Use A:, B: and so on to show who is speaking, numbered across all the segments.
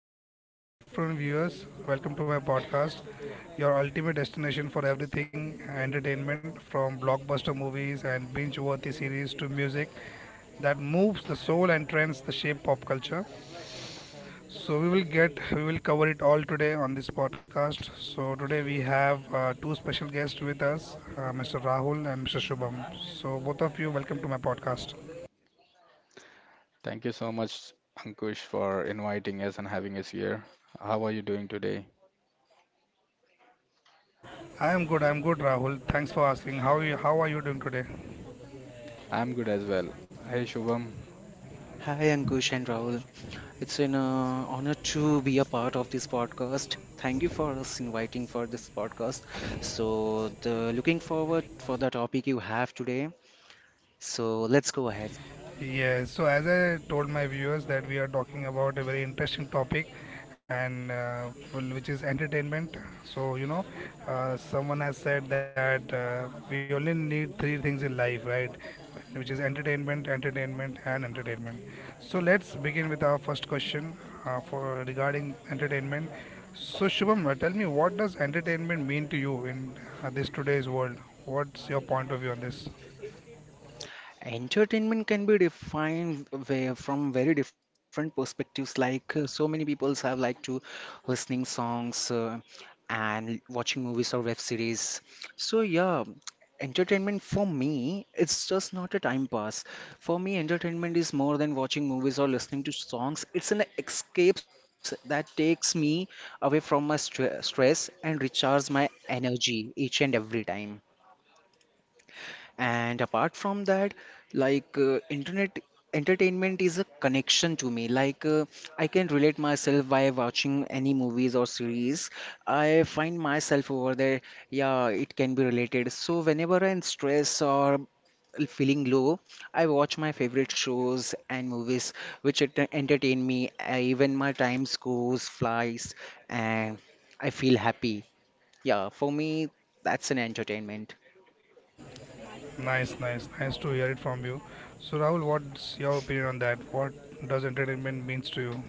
A: afternoon, everyone. Good afternoon, viewers. Welcome to my podcast, your ultimate destination for everything entertainment, from blockbuster movies and binge worthy series to music that moves the soul and trends the shape pop culture. So, we will cover it all today on this podcast. So, today we have two special guests with us, Mr. Rahul and Mr. Shubham. So, both of you, welcome to my podcast.
B: Thank you so much, Ankush, for inviting us and having us here. How are you doing today?
A: I am good, Rahul. Thanks for asking. How are you doing today?
B: I'm good as well. Hey, Shubham.
C: Hi Ankush and Rahul. It's an honor to be a part of this podcast. Thank you for us inviting for this podcast. So, the looking forward for the topic you have today. So, let's go ahead.
A: Yeah, so as I told my viewers that we are talking about a very interesting topic and well, which is entertainment. So, you know, someone has said that we only need three things in life, right? Which is entertainment, entertainment and entertainment. So, let's begin with our first question for regarding entertainment. So, Shubham, tell me, what does entertainment mean to you in this today's world? What's your point of view on this?
C: Entertainment can be defined from very different perspectives. So many people have like to listening songs and watching movies or web series. So yeah, entertainment for me it's just not a time pass. For me, entertainment is more than watching movies or listening to songs. It's an escapes that takes me away from my stress and recharges my energy each and every time, and apart from that, internet entertainment is a connection to me. I can relate myself by watching any movies or series. I find myself over there. Yeah, it can be related. So whenever I'm stressed or feeling low, I watch my favorite shows and movies which entertain me. Even my time goes flies and I feel happy. Yeah, for me, that's an entertainment.
A: Nice, nice, nice to hear it from you. So, Rahul, what's your opinion on that? What does entertainment means to you?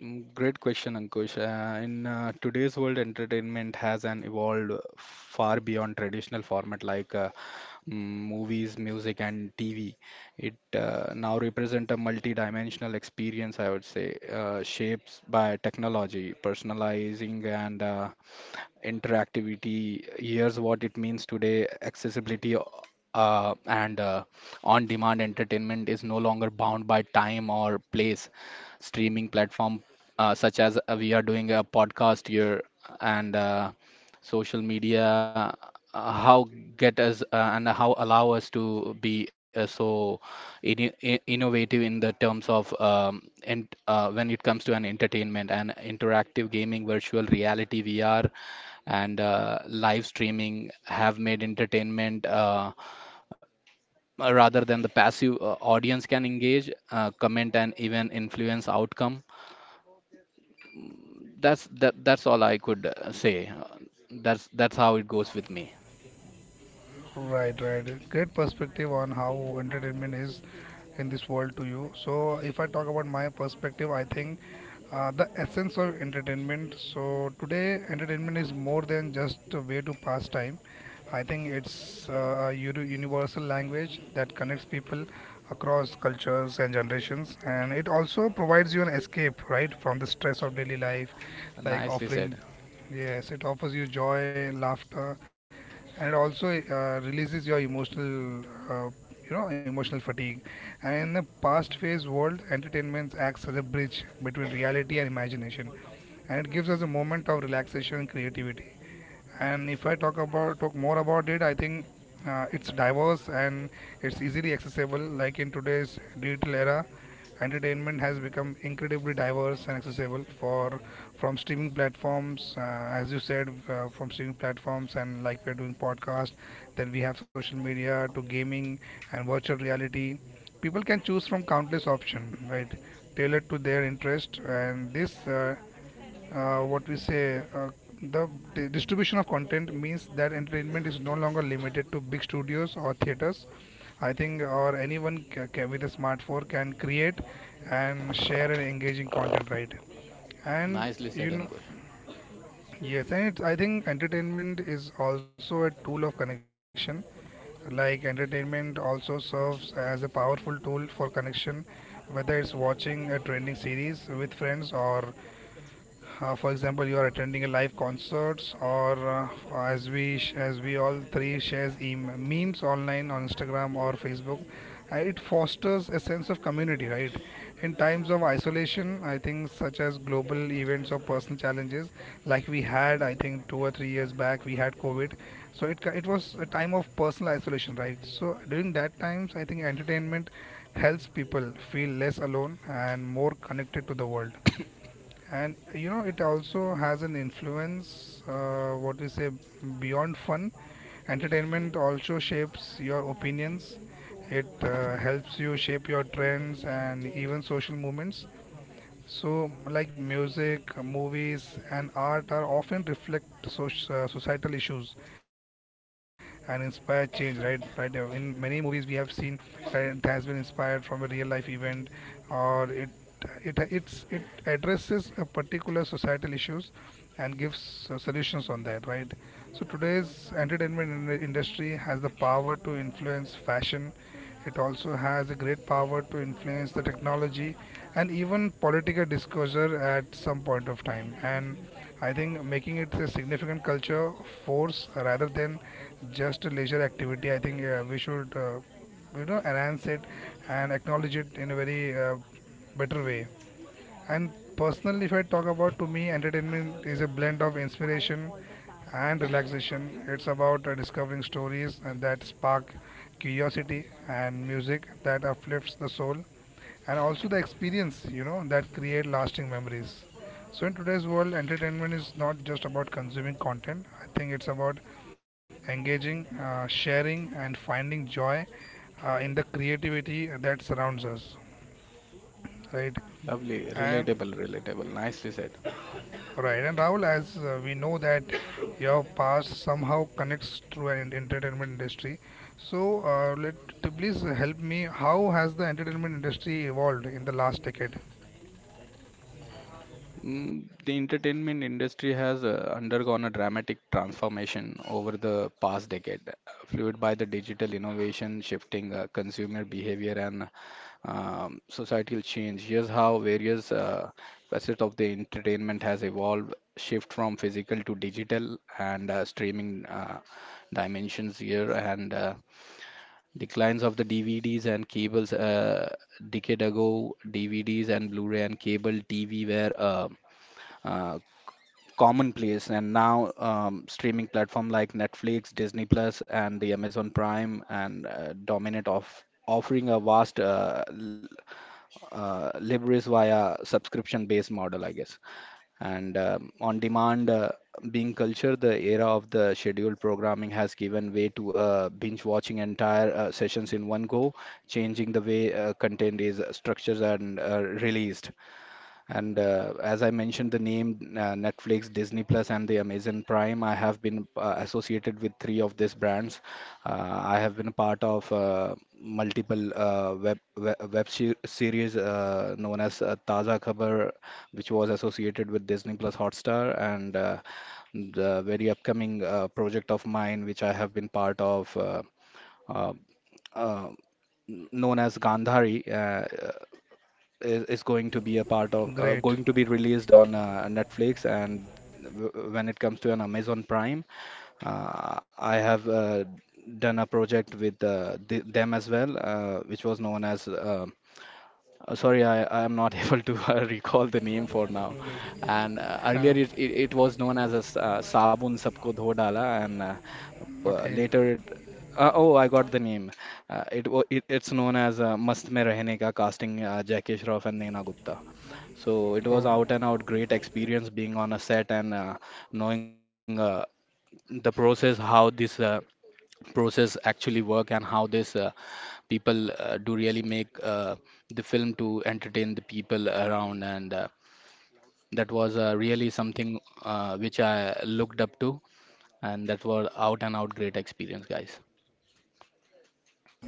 B: Great question, Ankush. In today's world, entertainment has an evolved far beyond traditional format like mm, movies, music, and TV. It now represent a multi-dimensional experience, I would say, shapes by technology, personalizing and interactivity. Here's what it means today accessibility and on demand entertainment is no longer bound by time or place. Streaming platform such as we are doing a podcast here and social media how get us and how allow us to be so innovative in the terms of and when it comes to an entertainment and interactive gaming virtual reality vr and live streaming have made entertainment rather than the passive audience can engage, comment, and even influence outcome. That's that. That's all I could say. That's how it goes with me.
A: Right, right. Great perspective on how entertainment is in this world to you. So, if I talk about my perspective, I think the essence of entertainment. So, today, entertainment is more than just a way to pass time. I think it's a universal language that connects people across cultures and generations, and it also provides you an escape, right, from the stress of daily life, like
B: Nicely
A: offering.
B: said.
A: Yes, it offers you joy, laughter, and also releases your emotional uh, you know emotional fatigue. And in the past phase world, entertainment acts as a bridge between reality and imagination, and it gives us a moment of relaxation and creativity. And if I talk about talk more about it, I think it's diverse and it's easily accessible. Like in today's digital era, entertainment has become incredibly diverse and accessible for, from streaming platforms, as you said, from streaming platforms, and like we're doing podcast, then we have social media to gaming and virtual reality. People can choose from countless options, right, tailored to their interest. And this, what we say, the distribution of content means that entertainment is no longer limited to big studios or theaters, I think, or anyone with a smartphone can create and share an engaging content, right? And
B: Nicely said,
A: you know,
B: Ankush.
A: yes, and I think entertainment is also a tool of connection. Like entertainment also serves as a powerful tool for connection, whether it's watching a trending series with friends or for example, you are attending a live concerts, or as as we all three shares memes online on Instagram or Facebook. It fosters a sense of community, right? In times of isolation, I think, such as global events or personal challenges, like we had, I think, 2 or 3 years back we had COVID. So it was a time of personal isolation, right? So during that times, I think, entertainment helps people feel less alone and more connected to the world. And you know, it also has an influence. What we say, beyond fun, entertainment also shapes your opinions. It helps you shape your trends and even social movements. So, like music, movies, and art are often reflect societal issues and inspire change. Right, right. In many movies, we have seen it has been inspired from a real life event, or it addresses a particular societal issues and gives solutions on that. Right. So today's entertainment industry has the power to influence fashion. It also has a great power to influence the technology and even political disclosure at some point of time. And I think making it a significant culture force rather than just a leisure activity. I think we should, you know, enhance it and acknowledge it in a very better way. And personally, if I talk about to me, entertainment is a blend of inspiration and relaxation. It's about discovering stories and that spark curiosity, and music that uplifts the soul, and also the experience, you know, that create lasting memories. So in today's world, entertainment is not just about consuming content. I think it's about engaging, sharing, and finding joy in the creativity that surrounds us, right?
B: Lovely,
A: And
B: relatable, relatable. Nicely said.
A: right, and Rahul, as we know that your past somehow connects through an entertainment industry, so please help me. How has the entertainment industry evolved in the last decade?
B: The entertainment industry has undergone a dramatic transformation over the past decade, fueled by the digital innovation, shifting consumer behavior, and societal change. Here's how various facets of the entertainment has evolved, shift from physical to digital and streaming dimensions here, and declines of the DVDs and cables. Decade ago, DVDs and Blu-ray and cable TV were uh, commonplace and now streaming platform like Netflix, Disney Plus, and the Amazon Prime and dominant of offering a vast leverage via subscription based model, I guess, and on demand being culture. The era of the scheduled programming has given way to binge watching entire sessions in one go, changing the way content is structured and released. And as I mentioned, the name Netflix, Disney Plus, and the Amazon Prime, I have been associated with three of these brands. I have been a part of multiple series known as Taza Khabar, which was associated with Disney Plus Hotstar, and the very upcoming project of mine, which I have been part of, uh, uh, known as Gandhari. Is going to be a part of
A: Great.
B: going to be released on Netflix. And when it comes to an Amazon Prime, I have done a project with th them as well, which was known as sorry I am not able to recall the name for now. And earlier
A: Yeah.
B: it was known as a Sabun Sabko Dho Dala, and
A: Okay.
B: later it oh, I got the name, it, wa- it it's known as Mast Mein Rehne Ka, casting Jackie Shroff and Naina Gupta. So it was
A: Oh,
B: out and out great experience being on a set and knowing the process, how this process actually work and how this people do really make the film to entertain the people around. And that was really something which I looked up to, and that was out and out great experience, guys.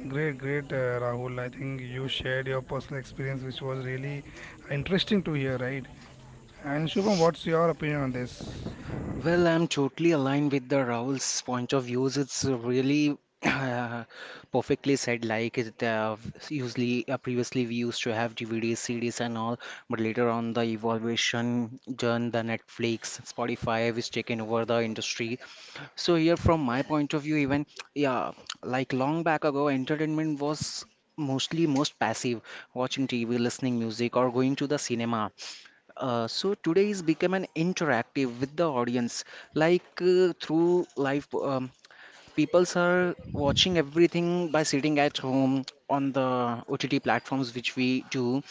A: great, great, Rahul. I think you shared your personal experience, which was really interesting to hear, right? And Shubham, what's your opinion on this?
C: Well, I'm totally aligned with the Rahul's point of views. It's really uh, perfectly said. Usually, previously we used to have DVDs, CDs, and all, but later on the evolution, done the Netflix, Spotify, which taken over the industry. So here, from my point of view, even yeah, like long back ago, entertainment was mostly most passive, watching TV, listening music, or going to the cinema. So today is become an interactive with the audience, like through live peoples are watching everything by sitting at home on the OTT platforms which we do.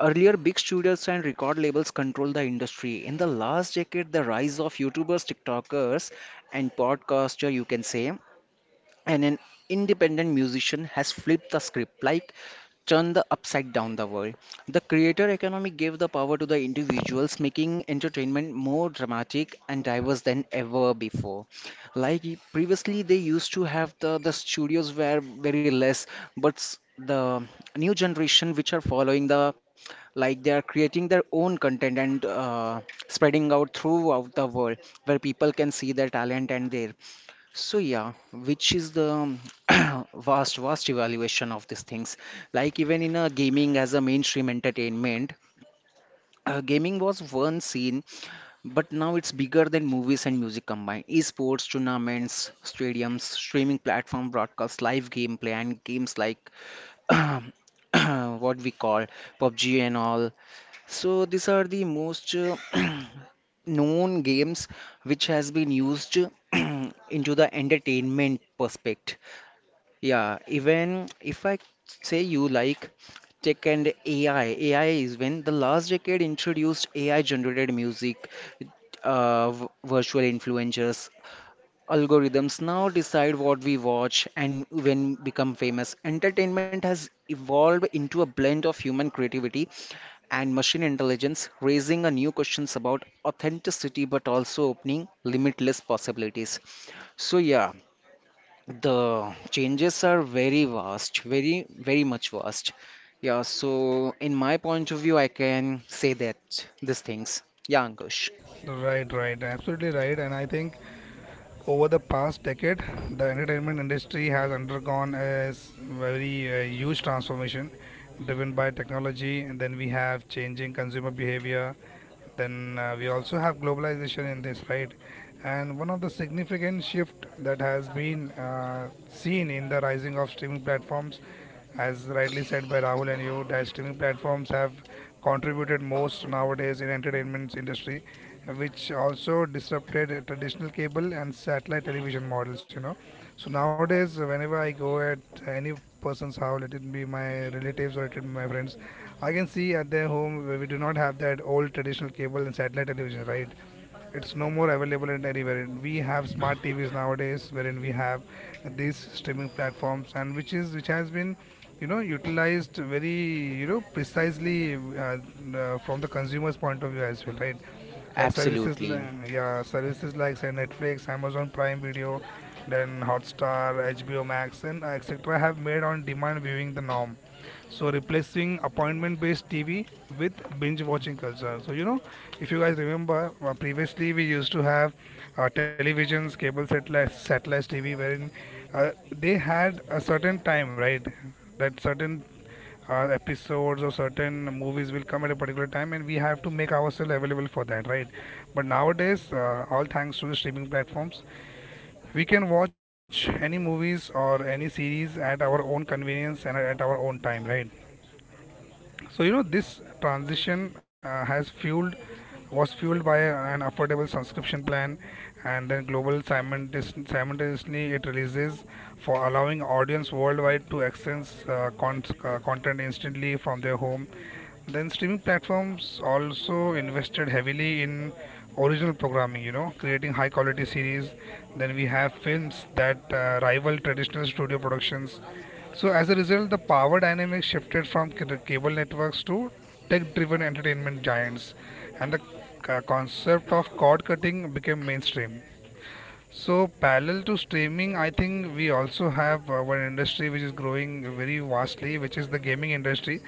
C: Earlier, big studios and record labels controlled the industry. In the last decade, the rise of YouTubers, TikTokers, and podcaster, you can say, and an independent musician has flipped the script, like turned the upside down the world. The creator economy gave the power to the individuals, making entertainment more dramatic and diverse than ever before. Previously they used to have the studios were very less, but the new generation which are following the, like, they are creating their own content and spreading out throughout the world where people can see their talent and their. So yeah, which is the vast evaluation of these things. Like even in a gaming as a mainstream entertainment, gaming was one scene, but now it's bigger than movies and music combined. Esports, tournaments, stadiums, streaming platform broadcast, live gameplay, and games like what we call PUBG and all. So these are the most known games which has been used into the entertainment perspect. Yeah, even if I say you like tech and AI, AI is when the last decade introduced AI generated music, virtual influencers. Algorithms now decide what we watch and when become famous. Entertainment has evolved into a blend of human creativity and machine intelligence, raising a new questions about authenticity but also opening limitless possibilities. So yeah, the changes are very vast, very very much vast. Yeah, so in my point of view, I can say that these things. Yeah, Ankush.
A: Right, right, absolutely right. And I think over the past decade, the entertainment industry has undergone a very huge transformation driven by technology, and then we have changing consumer behavior, then we also have globalization in this, right? And one of the significant shift that has been seen in the rising of streaming platforms, as rightly said by Rahul and you, that streaming platforms have contributed most nowadays in entertainment industry, which also disrupted traditional cable and satellite television models, you know. So nowadays, whenever I go at any person's house, let it be my relatives or let it be my friends, I can see at their home where we do not have that old traditional cable and satellite television, right? It's no more available in anywhere. And we have smart TVs nowadays, wherein we have these streaming platforms, and which has been, you know, utilized very you know precisely, from the consumer's point of view as well, right? Like
C: Absolutely.
A: yeah, services like say Netflix, Amazon Prime Video, then Hotstar, HBO Max, and etc. have made on-demand viewing the norm, so replacing appointment-based TV with binge-watching culture. So you know, if you guys remember, previously we used to have televisions, satellite TV, wherein they had a certain time, right? That certain episodes or certain movies will come at a particular time, and we have to make ourselves available for that, right? But nowadays, all thanks to the streaming platforms, we can watch any movies or any series at our own convenience and at our own time, right? So you know, this transition has fueled was fueled by an affordable subscription plan, and then global simultaneously it releases, for allowing audience worldwide to access content instantly from their home. Then streaming platforms also invested heavily in original programming, you know, creating high quality series, then we have films that rival traditional studio productions. So as a result, the power dynamics shifted from cable networks to tech-driven entertainment giants, and the concept of cord cutting became mainstream. So parallel to streaming, I think we also have one industry which is growing very vastly, which is the gaming industry,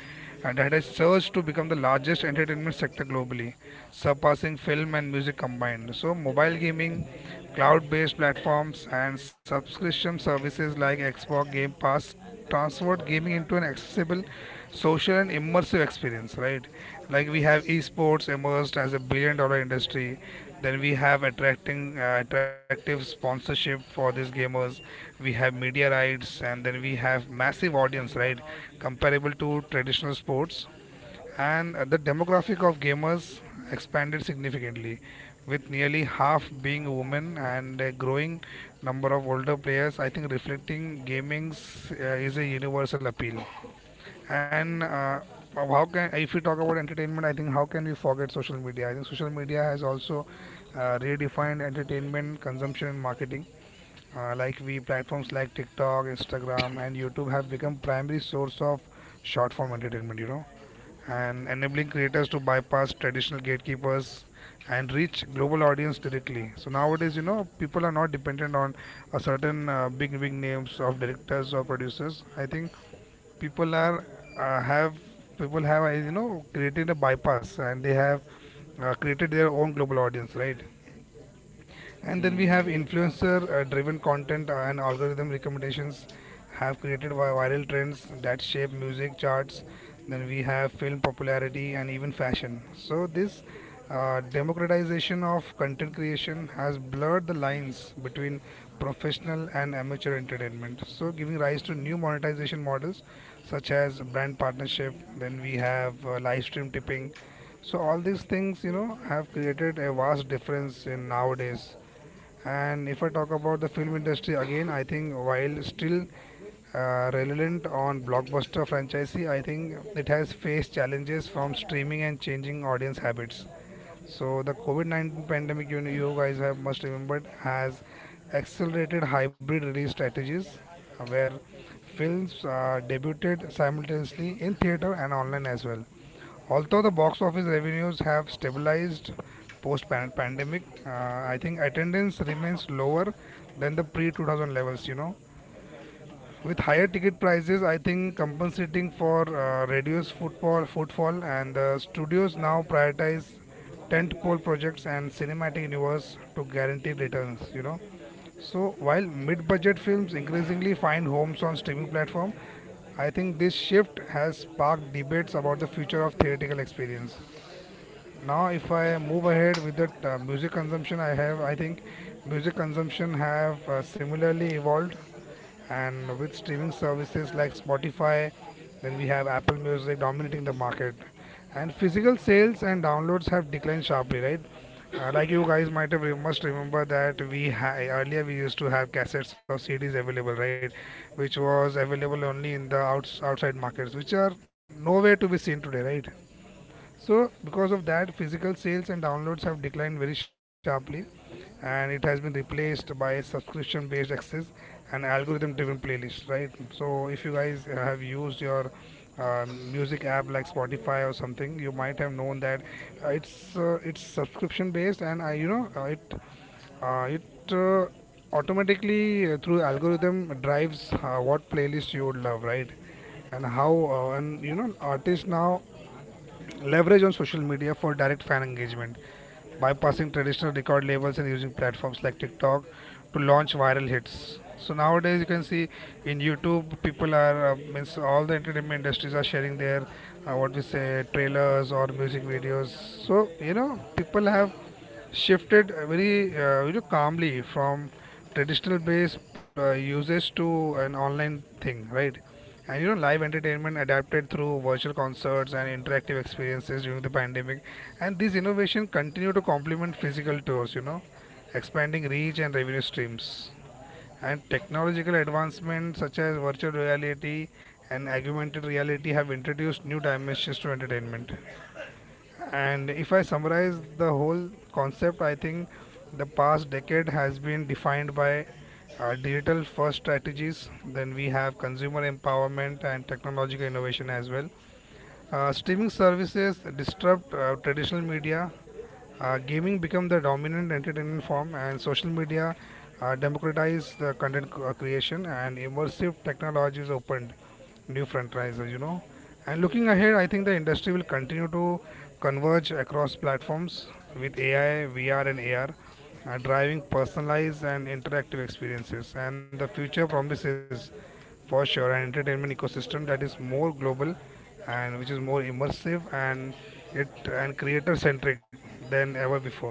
A: and that has surged to become the largest entertainment sector globally, surpassing film and music combined. So mobile gaming, cloud-based platforms, and subscription services like Xbox Game Pass transformed gaming into an accessible, social, and immersive experience, right? Like we have esports emerged as a billion-dollar industry, then we have attracting attractive sponsorship for these gamers, we have media rights, and then we have massive audience, right? Comparable to traditional sports. And the demographic of gamers expanded significantly, with nearly half being women and a growing number of older players, I think, reflecting gaming's is a universal appeal. And how can, if we talk about entertainment, I think, how can we forget social media? I think social media has also redefined entertainment consumption and marketing. Like we platforms like TikTok, Instagram, and YouTube have become primary source of short form entertainment, you know, and enabling creators to bypass traditional gatekeepers and reach global audience directly. So nowadays, you know, people are not dependent on a certain big big names of directors or producers. I think people are have people have you know created a bypass, and they have created their own global audience, right? And then we have
B: Mm,
A: influencer driven content and algorithm recommendations have created viral trends that shape music charts, then we have film popularity and even fashion. So this democratization of content creation has blurred the lines between professional and amateur entertainment, so giving rise to new monetization models, such as brand partnership, then we have live stream tipping. So all these things, you know, have created a vast difference in nowadays. And if I talk about the film industry again, I think while still relevant on blockbuster franchise, I think it has faced challenges from streaming and changing audience habits. So the COVID-19 pandemic, you know, you guys have must remembered, has accelerated hybrid release strategies, where films debuted simultaneously in theater and online as well. Although the box office revenues have stabilized post-pandemic, I think attendance remains lower than the pre-2000 levels. You know, with higher ticket prices, I think compensating for reduced footfall, and studios now prioritize tentpole projects and cinematic universe to guarantee returns. You know, so while mid-budget films increasingly find homes on streaming platform, I think this shift has sparked debates about the future of theatrical experience. Now, if I move ahead with the music consumption, I think music consumption have similarly evolved, and with streaming services like Spotify, then we have Apple Music dominating the market. And physical sales and downloads have declined sharply, right? Like you guys might have must remember that earlier we used to have cassettes or CDs available, right? Which was available only in the outside markets, which are nowhere to be seen today, right? So, because of that, physical sales and downloads have declined very sharply, and it has been replaced by a subscription based access and algorithm driven playlist, right? So, if you guys have used your music app like Spotify or something, you might have known that it's subscription based, and I you know it it automatically through algorithm drives what playlist you would love, right? And how and you know artists now leverage on social media for direct fan engagement, bypassing traditional record labels and using platforms like TikTok to launch viral hits. So nowadays you can see in YouTube people are means all the entertainment industries are sharing their what we say trailers or music videos. So you know people have shifted very you know calmly from traditional based usage to an online thing, right? And you know, live entertainment adapted through virtual concerts and interactive experiences during the pandemic, and these innovation continue to complement physical tours, you know, expanding reach and revenue streams. And technological advancements such as virtual reality and augmented reality have introduced new dimensions to entertainment. And if I summarize the whole concept, I think the past decade has been defined by digital first strategies. Then we have consumer empowerment and technological innovation as well. Streaming services disrupt traditional media. Gaming become the dominant entertainment form, and social media democratize the content creation. And immersive technologies open new franchises, you know. And looking ahead, I think the industry will continue to converge across platforms with AI, VR, and AR, driving personalized and interactive experiences. And the future promises, for sure, an entertainment ecosystem that is more global and which is more immersive and it and creator centric than ever before.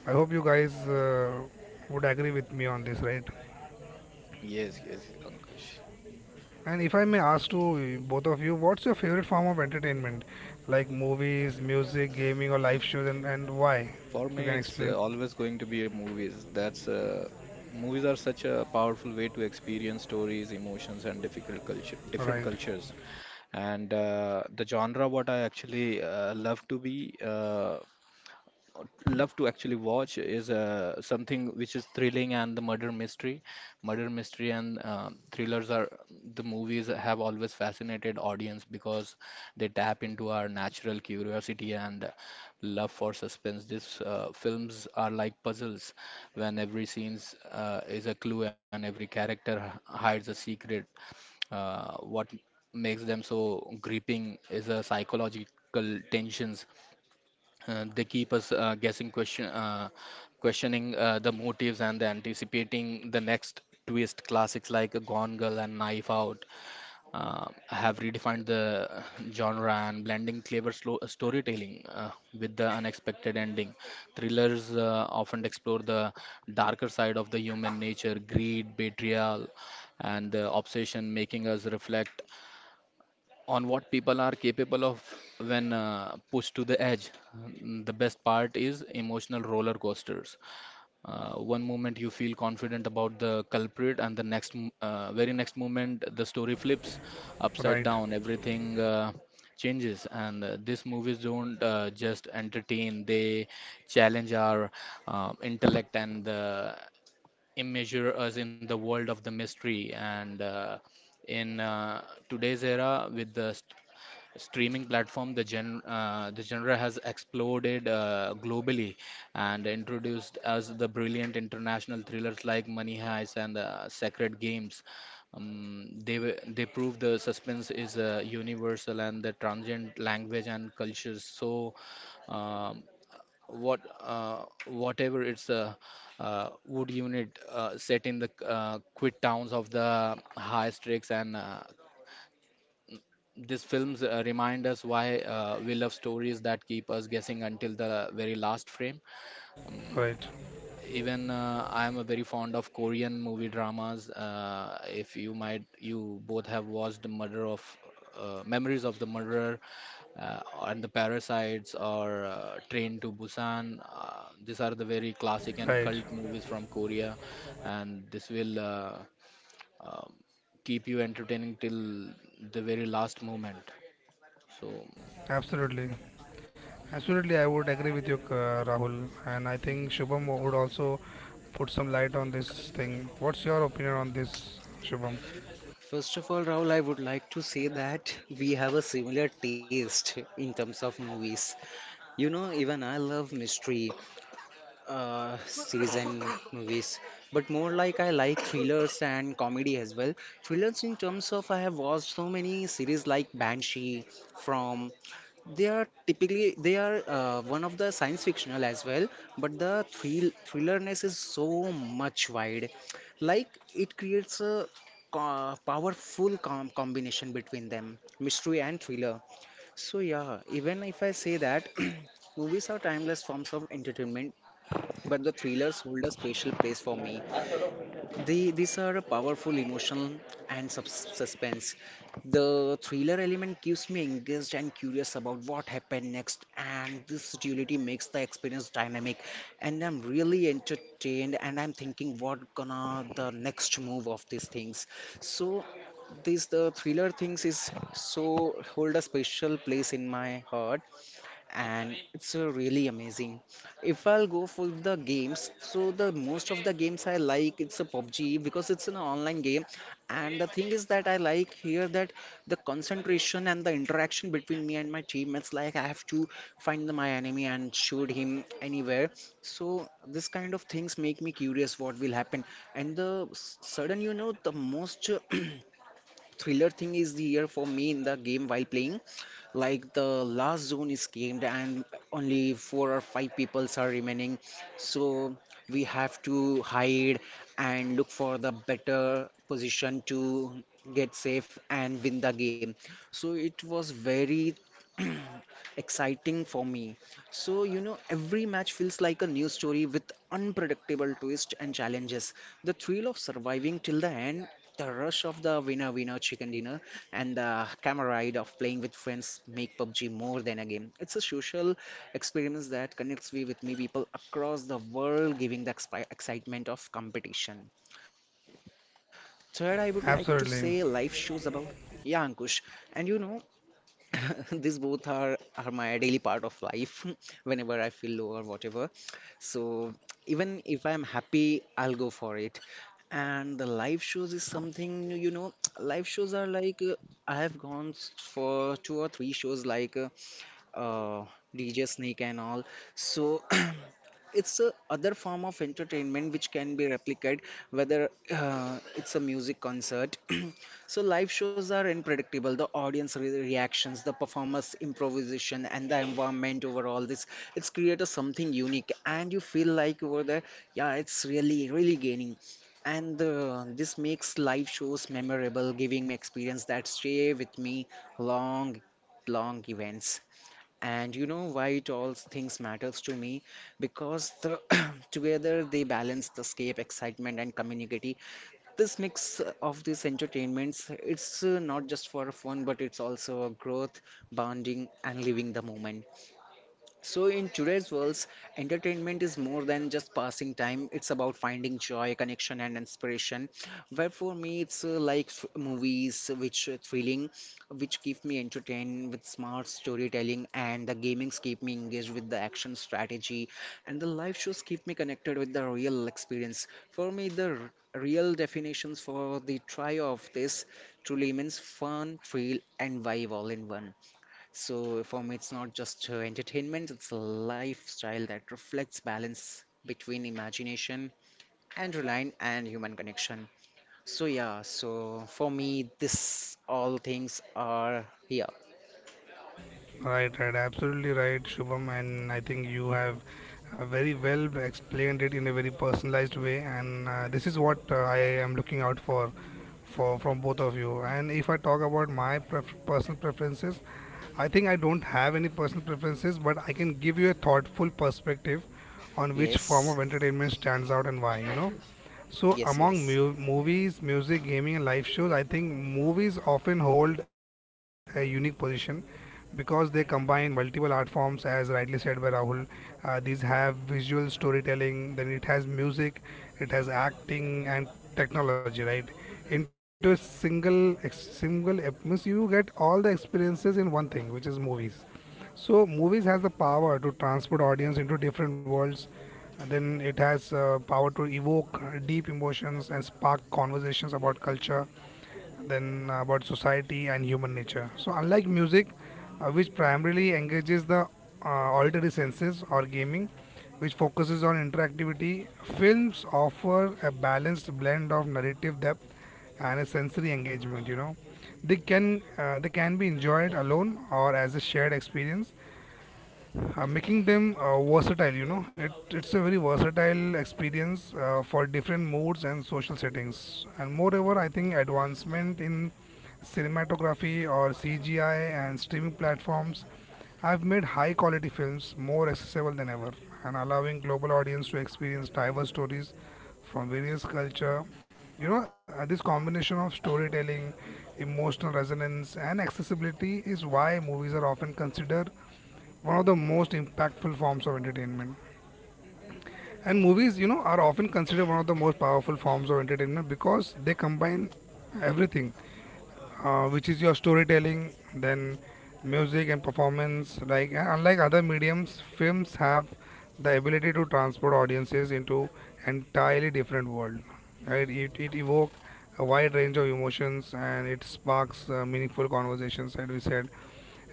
A: I hope you guys would agree with me on this, right?
B: yes, yes, Ankush.
A: And if I may ask to both of you, what's your favorite form of entertainment? Like movies, music, gaming, or live shows, and why?
B: For
A: If you
B: me,
A: can
B: it's
A: explain.
B: always going to be a movies. That's Movies are such a powerful way to experience stories, emotions, and different
A: Right,
B: cultures. And the genre, what I actually love to be. Love to actually watch is something which is thrilling and the murder mystery. Murder mystery and thrillers are the movies that have always fascinated audience because they tap into our natural curiosity and love for suspense. These films are like puzzles when every scene is a clue and every character hides a secret. What makes them so gripping is a psychological tensions they keep us guessing question questioning the motives and the anticipating the next twist. Classics like Gone Girl and Knife Out have redefined the genre and blending clever slow storytelling with the unexpected ending. Thrillers often explore the darker side of the human nature, greed, betrayal, and the obsession, making us reflect on what people are capable of when pushed to the edge. The best part is emotional roller coasters. One moment you feel confident about the culprit, and the next, very next moment, the story flips upside
A: right,
B: down. Everything changes, and these movies don't just entertain; they challenge our intellect and immeasure us in the world of the mystery. And. In today's era with the streaming platform, the genre has exploded globally and introduced us the brilliant international thrillers like Money Heist and Sacred Games. They prove the suspense is universal and the transient language and cultures. So, um, whatever it's a wood unit set in the quit towns of the high stakes and these films remind us why we love stories that keep us guessing until the very last frame. Um,
A: right,
B: even I am a very fond of Korean movie dramas. If you might, you both have watched the murder of Memories of the Murderer and the Parasites or Train to Busan. These are the very classic and cult
A: right.
B: movies from Korea, and this will um keep you entertaining till the very last moment. So.
A: Absolutely. Absolutely, I would agree with you, Rahul. And I think Shubham would also put some light on this thing. What's your opinion on this, Shubham?
C: First of all, Rahul, I would like to say that we have a similar taste in terms of movies. You know, even I love mystery series and movies, but more like I like thrillers and comedy as well. Thrillers, in terms of, I have watched so many series like Banshee, From, they are typically they are one of the science fictional as well, but the thrillerness is so much wide. Like it creates a powerful combination between them, mystery and thriller. So yeah, even if I say that movies are timeless forms of entertainment, but the thrillers hold a special place for me. They, these are a powerful emotional and subs suspense. The thriller element keeps me engaged and curious about what happened next, and this duality makes the experience dynamic. And I'm really entertained, and I'm thinking what gonna the next move of these things. So, this the thriller things is so hold a special place in my heart and it's really amazing. If I'll go for the games, so the most of the games I like it's a PUBG because it's an online game, and the thing is that I like here that the concentration and the interaction between me and my teammates, like I have to find the, my enemy and shoot him anywhere. So this kind of things make me curious what will happen, and the sudden you know the most. Thriller thing is the year for me in the game while playing, like the last zone is gamed and only four or five peoples are remaining, so we have to hide and look for the better position to get safe and win the game. So it was very exciting for me. So you know every match feels like a new story with unpredictable twists and challenges, the thrill of surviving till the end, the rush of the winner winner chicken dinner, and the camaraderie of playing with friends make PUBG more than a game. It's a social experience that connects me with me people across the world, giving the excitement of competition. Third, I would like to say live
A: Absolutely.
C: shows about. Yeah, Ankush. And you know, these both are my daily part of life, whenever I feel low or whatever. So even if I am happy, I'll go for it. And the live shows is something, you know, live shows are like I have gone for two or three shows like uh, DJ Snake and all. So it's a other form of entertainment which can be replicated, whether it's a music concert. So live shows are unpredictable, the audience reactions, the performers improvisation, and the environment overall, this, it's created something unique and you feel like over there. Yeah, it's really really gaining, and this makes live shows memorable, giving me experience that stay with me long long events. And you know why it all things matters to me? Because the together they balance the scape, excitement, and community. This mix of these entertainments, it's not just for fun, but it's also a growth, bonding, and living the moment. So, in today's world, entertainment is more than just passing time. It's about finding joy, connection, and inspiration. Where for me, it's movies, which thrilling, which keep me entertained with smart storytelling, and the gamings keep me engaged with the action strategy, and the live shows keep me connected with the real experience. For me, the real definitions for the trio of this truly means fun, thrill, and vibe all in one. So for me, it's not just entertainment, it's a lifestyle that reflects balance between imagination and relying and human connection. So yeah, so for me, this all things are here.
A: Right, right, absolutely right, Shubham, and I think you have very well explained it in a very personalized way, and this is what I am looking out for from both of you. And if I talk about my personal preferences, I think I don't have any personal preferences, but I can give you a thoughtful perspective on which form of
C: Yes,
A: entertainment stands out and why. You know, so
C: yes,
A: among
C: yes.
A: movies, music, gaming, and live shows, I think movies often hold a unique position because they combine multiple art forms as rightly said by Rahul. These have visual storytelling, then it has music, it has acting and technology, right, into a single ex- single ep- means you get all the experiences in one thing, which is movies. So movies has the power to transport audience into different worlds, and then it has power to evoke deep emotions and spark conversations about culture, then about society and human nature. So, unlike music, which primarily engages the auditory senses, or gaming, which focuses on interactivity, films offer a balanced blend of narrative depth and a sensory engagement. You know, they can be enjoyed alone or as a shared experience, making them versatile. You know, it, it's a very versatile experience for different moods and social settings. And moreover, I think advancement in cinematography or CGI and streaming platforms have made high quality films more accessible than ever, and allowing global audience to experience diverse stories from various culture. You know, this combination of storytelling, emotional resonance and accessibility is why movies are often considered one of the most impactful forms of entertainment. And movies, you know, are often considered one of the most powerful forms of entertainment because they combine everything, which is your storytelling, then music and performance. Like, and unlike other mediums, films have the ability to transport audiences into entirely different world. Right? It evokes a wide range of emotions, and it sparks meaningful conversations, as we said.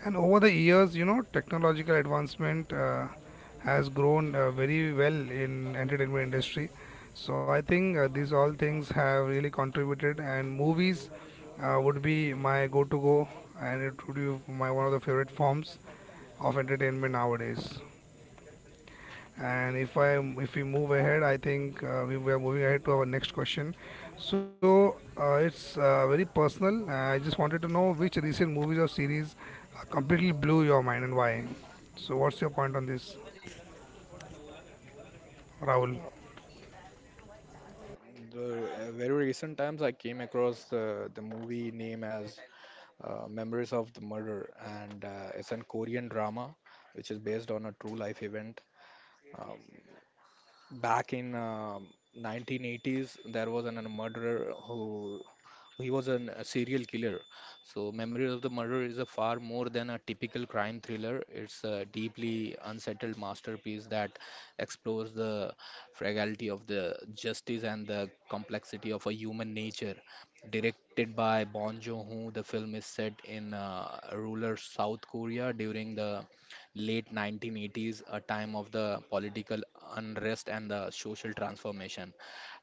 A: And over the years, you know, technological advancement has grown very well in entertainment industry. So I think these all things have really contributed, and movies would be my go-to go, and it would be my one of the favorite forms of entertainment nowadays. And if I, if we move ahead, I think we are moving ahead to our next question. So it's very personal. I just wanted to know which recent movies or series completely blew your mind and why. So what's your point on this, Rahul?
B: The very recent times I came across the movie name as Memories of the Murder, and it's an Korean drama which is based on a true life event. Um, Back in 1980s, there was a murderer who a serial killer. So, Memories of the Murder is a far more than a typical crime thriller. It's a deeply unsettled masterpiece that explores the fragility of the justice and the complexity of a human nature. Directed by Bong Joon-ho, the film is set in rural South Korea during the late 1980s, a time of the political unrest and the social transformation.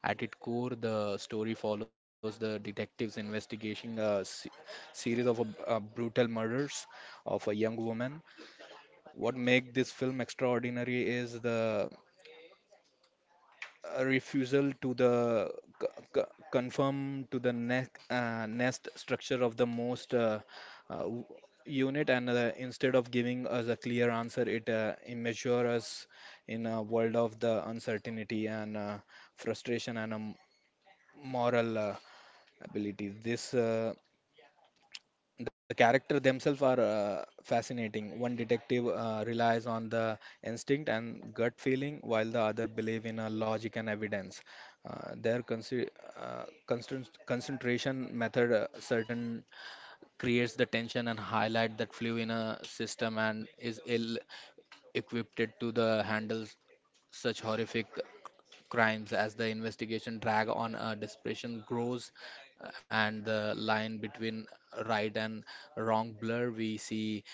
B: At its core, the story follows the detectives investigating series of brutal murders of a young woman. What makes this film extraordinary is the a refusal to the c- c- confirm to the nest nest structure of the most uh, w- unit, and instead of giving us a clear answer, it immature us in a world of the uncertainty and frustration and moral ability. This the character themselves are fascinating. One detective relies on the instinct and gut feeling, while the other believe in logic and evidence. Their constant concentration method certain creates the tension and highlight that flew in a system and is ill equipped to the handle such horrific crimes. As the investigation drag on, desperation grows and the line between right and wrong blur, we see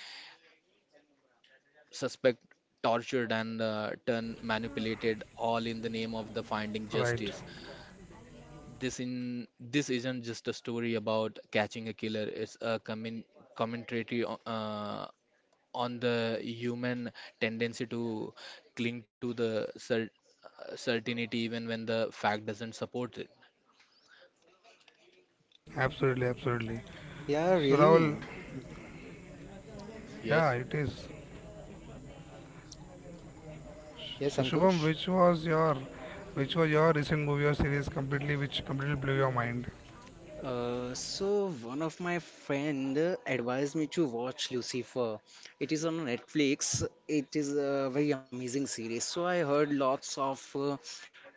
B: suspect tortured and turn manipulated, all in the name of the finding
A: Right.
B: justice. This isn't just a story about catching a killer. It's a commentary on the human tendency to cling to the certainty even when the fact doesn't support it.
A: Absolutely, absolutely.
C: Yeah,
A: So Rahul,
C: really.
A: yeah,
B: Yes,
A: it is.
C: Yes,
A: So Shubham,
C: Ankush.
A: which was your, which was your recent movie or series completely which completely blew your mind?
C: So one of my friend advised me to watch Lucifer. It is on Netflix. It is a very amazing series. So I heard lots of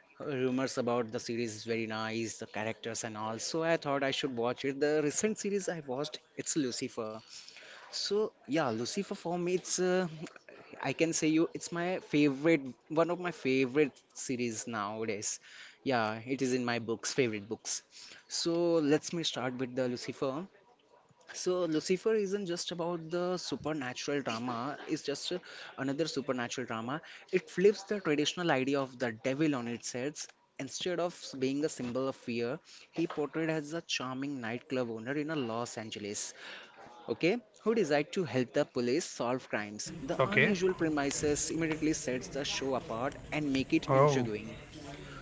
C: rumors about the series is very nice, the characters and all. So I thought I should watch it. The recent series I watched, it's Lucifer. So yeah, Lucifer for me, it's I can say you, it's my favorite, one of my favorite series nowadays. Yeah, it is in my books, favorite books. So let's me start with the Lucifer. So Lucifer isn't just about the supernatural drama, it's just another supernatural drama. It flips the traditional idea of the devil on its heads. Instead of being a symbol of fear, he portrayed as a charming nightclub owner in a Los Angeles, okay, who decide to help the police solve crimes. The
A: Okay.
C: unusual premises immediately sets the show apart and make it
A: Oh.
C: intriguing.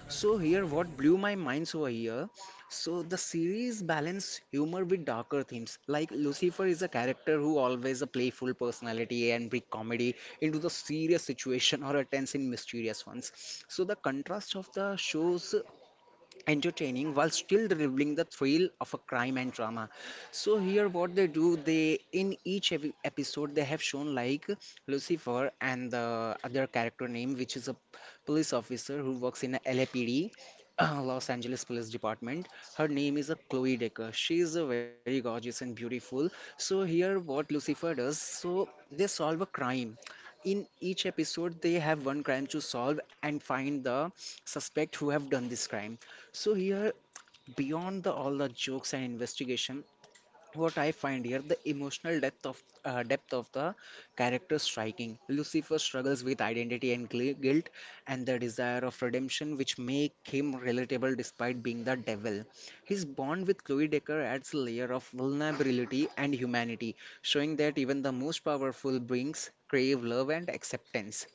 C: So here what blew my minds over here. So the series balance humor with darker themes. Like Lucifer is a character who always a playful personality and bring comedy into the serious situation or a tense and mysterious ones. So the contrast of the shows entertaining while still revealing the thrill of a crime and drama. So here what they do, they in each episode they have shown like Lucifer and the other character name, which is a police officer who works in a LAPD, Los Angeles Police Department. Her name is a Chloe Decker. She is a very gorgeous and beautiful. So here, what Lucifer does, so they solve a crime in each episode. They have one crime to solve and find the suspect who have done this crime. So here, beyond the all the jokes and investigation, what I find here, the emotional depth of the character striking. Lucifer struggles with identity and guilt, and the desire of redemption, which make him relatable despite being the devil. His bond with Chloe Decker adds a layer of vulnerability and humanity, showing that even the most powerful beings crave love and acceptance.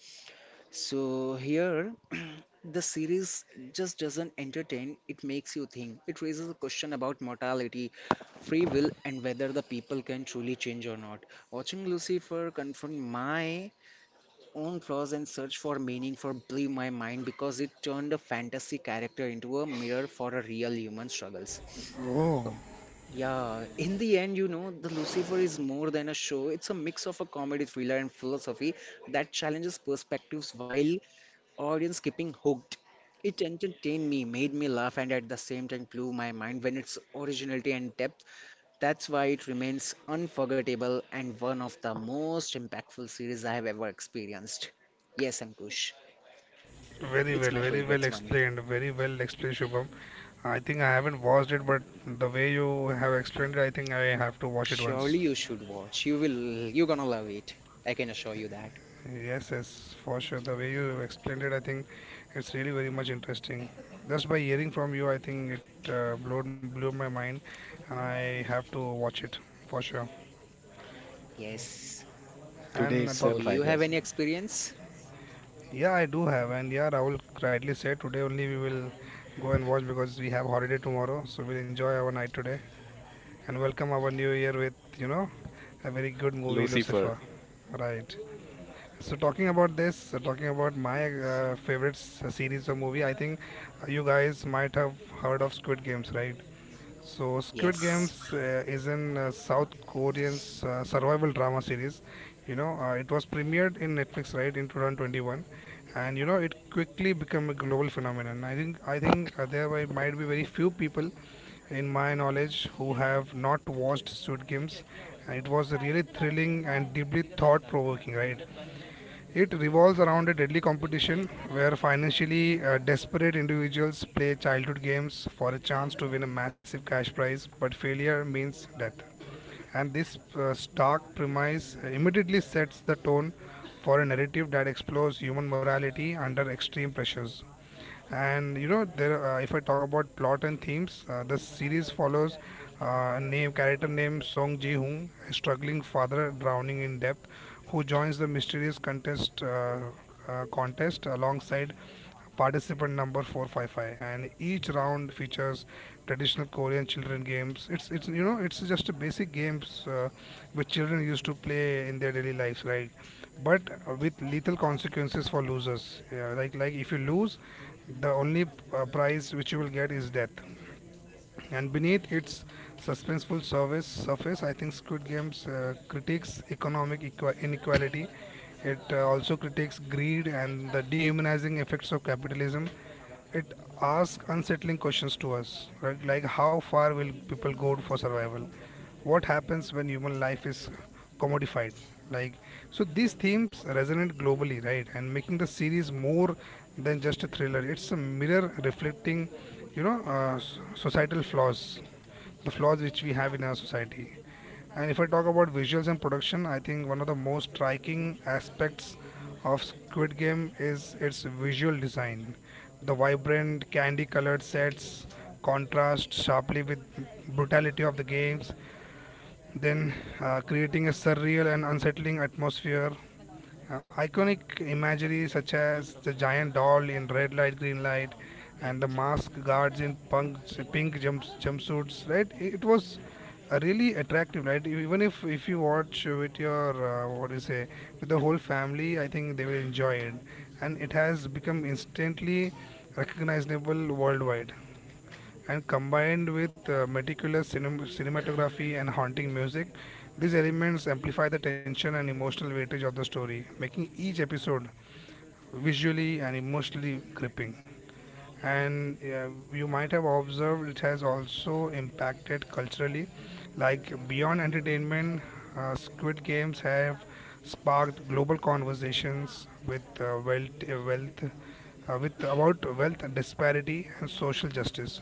C: So here, the series just doesn't entertain, it makes you think. It raises a question about mortality, free will, and whether the people can truly change or not. Watching Lucifer confront my own flaws and search for meaning for blew my mind because it turned a fantasy character into a mirror for a real human struggles.
A: Oh.
C: Uh, Yeah, in the end, you know, the Lucifer is more than a show. It's a mix of a comedy thriller and philosophy that challenges perspectives while audience keeping hooked. It entertained me, made me laugh, and at the same time blew my mind when its originality and depth. That's why it remains unforgettable and one of the most impactful series I have ever experienced. Yes, Ankush,
A: Very
C: it's
A: well,
C: my
A: very well
C: favorite one.
A: explained. Very well explained, Shubham. I think I haven't watched it, but the way you have explained it, I think I have to watch it
C: Surely
A: once.
C: you should watch. You're gonna love it. I can assure you that.
A: Yes, yes, for sure. The way you explained it, I think it's really very much interesting. Just by hearing from you, I think it blew my mind, and I have to watch it for sure.
C: Yes.
B: today
A: And
C: So
B: itself, I
C: you have
B: guess.
C: any experience?
A: yeah, I do have. And yeah, Rahul rightly said today only we will go and watch because we have holiday tomorrow, so we'll enjoy our night today, and welcome our new year with, you know, a very good movie,
B: Lucifer.
A: Lucifer. Right. So talking about this, talking about my favorite series or movie, I think you guys might have heard of Squid Games, right? So, Squid
C: Yes.
A: Games is an South Korean survival drama series. You know, it was premiered in Netflix, right, in 2021, and you know, it quickly became a global phenomenon. I think there were, might be very few people in my knowledge who have not watched Squid Games. And it was really thrilling and deeply thought-provoking, right? It revolves around a deadly competition where financially desperate individuals play childhood games for a chance to win a massive cash prize, but failure means death. And this stark premise immediately sets the tone for a narrative that explores human morality under extreme pressures. And you know there are, if I talk about plot and themes, the series follows a name character named Song Ji Hoon, a struggling father drowning in debt, who joins the mysterious contest alongside participant number 455. And each round features traditional Korean children games. It's you know, it's just a basic games, which children used to play in their daily lives, right? But with lethal consequences for losers. Yeah, like if you lose, the only prize which you will get is death. And beneath its suspenseful service surface, I think Squid Games critiques economic inequality. It also critiques greed and the dehumanizing effects of capitalism. It asks unsettling questions to us, right? Like, how far will people go for survival? What happens when human life is commodified? Like, so these themes resonate globally, right, and making the series more than just a thriller. It's a mirror reflecting, you know, societal flaws, the flaws which we have in our society. And if I talk about visuals and production, I think one of the most striking aspects of Squid Game is its visual design. The vibrant, candy colored sets contrast sharply with brutality of the games, then creating a surreal and unsettling atmosphere. Iconic imagery such as the giant doll in red light, green light, and the mask guards in pink jumpsuits. Right, it was really attractive. Right, even if you watch with your what do you say with the whole family, I think they will enjoy it, and it has become instantly recognizable worldwide and combined with meticulous cinematography and haunting music, these elements amplify the tension and emotional weightage of the story, making each episode visually and emotionally gripping. And You might have observed it has also impacted culturally, like beyond entertainment, Squid Games have sparked global conversations with about wealth disparity and social justice.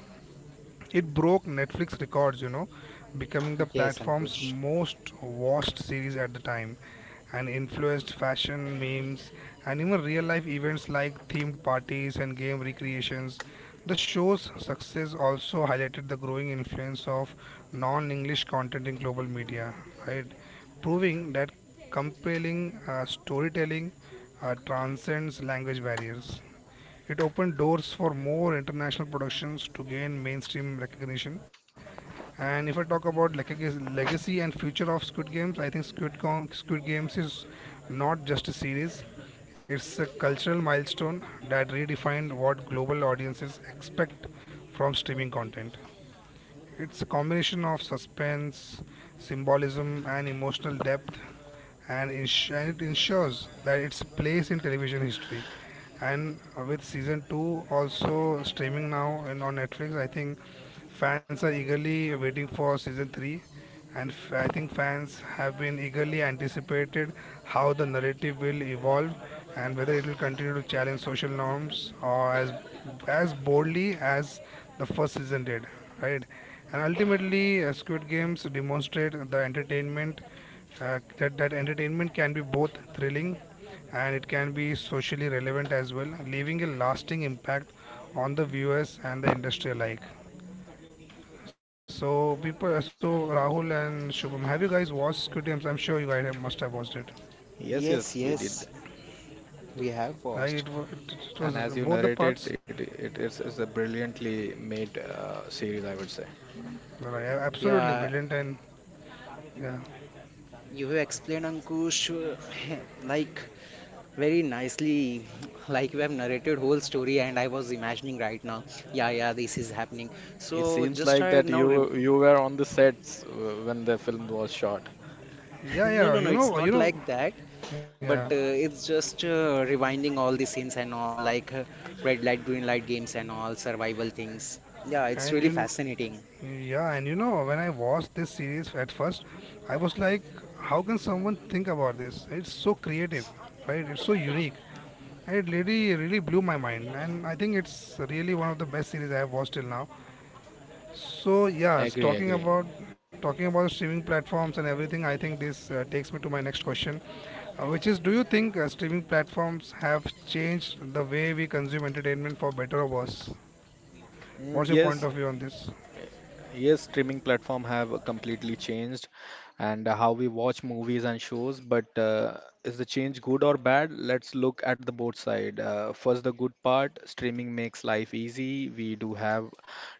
A: It broke Netflix records, you know, becoming the
C: Yes,
A: platform's
C: Ankush.
A: most watched series at the time and influenced fashion, memes, and even real life events like themed parties and game recreations. The show's success also highlighted the growing influence of non English content in global media, right? Proving that compelling storytelling transcends language barriers. It opened doors for more international productions to gain mainstream recognition. And if I talk about legacy and future of Squid Games, I think Squid Games is not just a series. It's a cultural milestone that redefined what global audiences expect from streaming content. It's a combination of suspense, symbolism, and emotional depth, and it ensures that its place in television history. And With season two also streaming now and on Netflix, I think fans are eagerly waiting for season three, and I think fans have been eagerly anticipated how the narrative will evolve and whether it will continue to challenge social norms or as boldly as the first season did, right? And ultimately, Squid Games demonstrate the entertainment that entertainment can be both thrilling and it can be socially relevant as well, leaving a lasting impact on the viewers and the industry alike. So Rahul and Shubham, have you guys watched Squid Games? I'm sure you guys have, must have watched it.
B: Yes, yes,
C: Yes,
B: we did.
C: yes. We have
A: Right? It,
C: watched.
A: wa- it, it was
B: And as you
A: both the
B: narrated,
A: parts
B: it is a brilliantly made series, I would say.
A: were absolutely
C: Yeah,
A: brilliant and yeah,
C: you have explained, Ankush, like very nicely, like you have narrated whole story, and I was imagining right now, yeah, yeah, this is happening.
B: It
C: So
B: seems
C: just
B: like
C: I
B: that
C: now,
B: you were on the sets when the film was shot.
A: yeah,
C: no,
A: yeah.
C: no, no, it's not like that,
A: Yeah,
C: but it's just rewinding all the scenes and all, like red light, green light games and all survival things. Yeah, it's
A: and
C: really
A: you,
C: fascinating.
A: yeah, and you know, when I watched this series at first, I was like, how can someone think about this? It's so creative, right? It's so unique. And it really, really blew my mind. And I think it's really one of the best series I have watched till now. So yes,
B: Agree, agree.
A: talking about streaming platforms and everything, I think this takes me to my next question, which is, do you think streaming platforms have changed the way we consume entertainment for better or worse? What's your point
B: Yes,
A: of view on this?
B: yes, streaming platform have completely changed and how we watch movies and shows, but is the change good or bad? Let's look at the both side. First, the good part, streaming makes life easy. We do have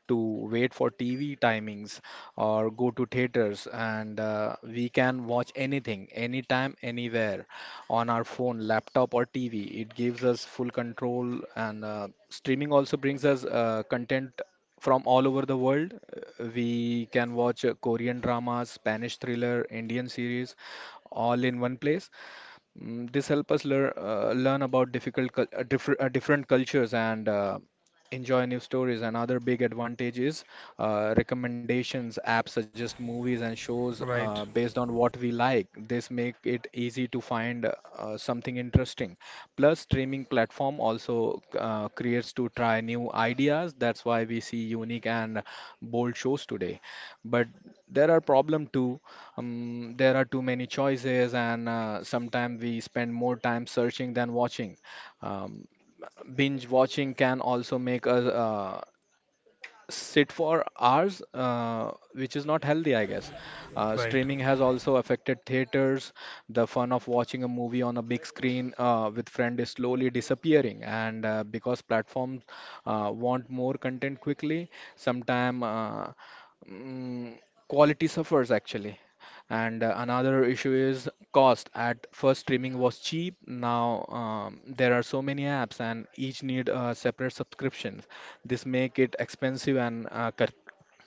B: to wait for TV timings or go to theaters, and we can watch anything, anytime, anywhere on our phone, laptop or TV. It gives us full control, and streaming also brings us content from all over the world. We can watch Korean dramas, Spanish thriller, Indian series, all in one place. This help us learn about different cultures and enjoy new stories. Another big advantage is recommendations. Apps suggest movies and shows
A: Right,
B: based on what we like. This make it easy to find something interesting. Plus, streaming platform also creates to try new ideas. That's why we see unique and bold shows today. But there are problem too. There are too many choices, and sometimes we spend more time searching than watching. Um, Binge watching can also make us sit for hours, which is not healthy, I guess.
A: right,
B: Streaming has also affected theaters. The fun of watching a movie on a big screen with friend is slowly disappearing, and because platforms want more content quickly, sometimes mm, quality suffers actually. And another issue is cost. At first, streaming was cheap. Now there are so many apps, and each need separate subscriptions. This make it expensive and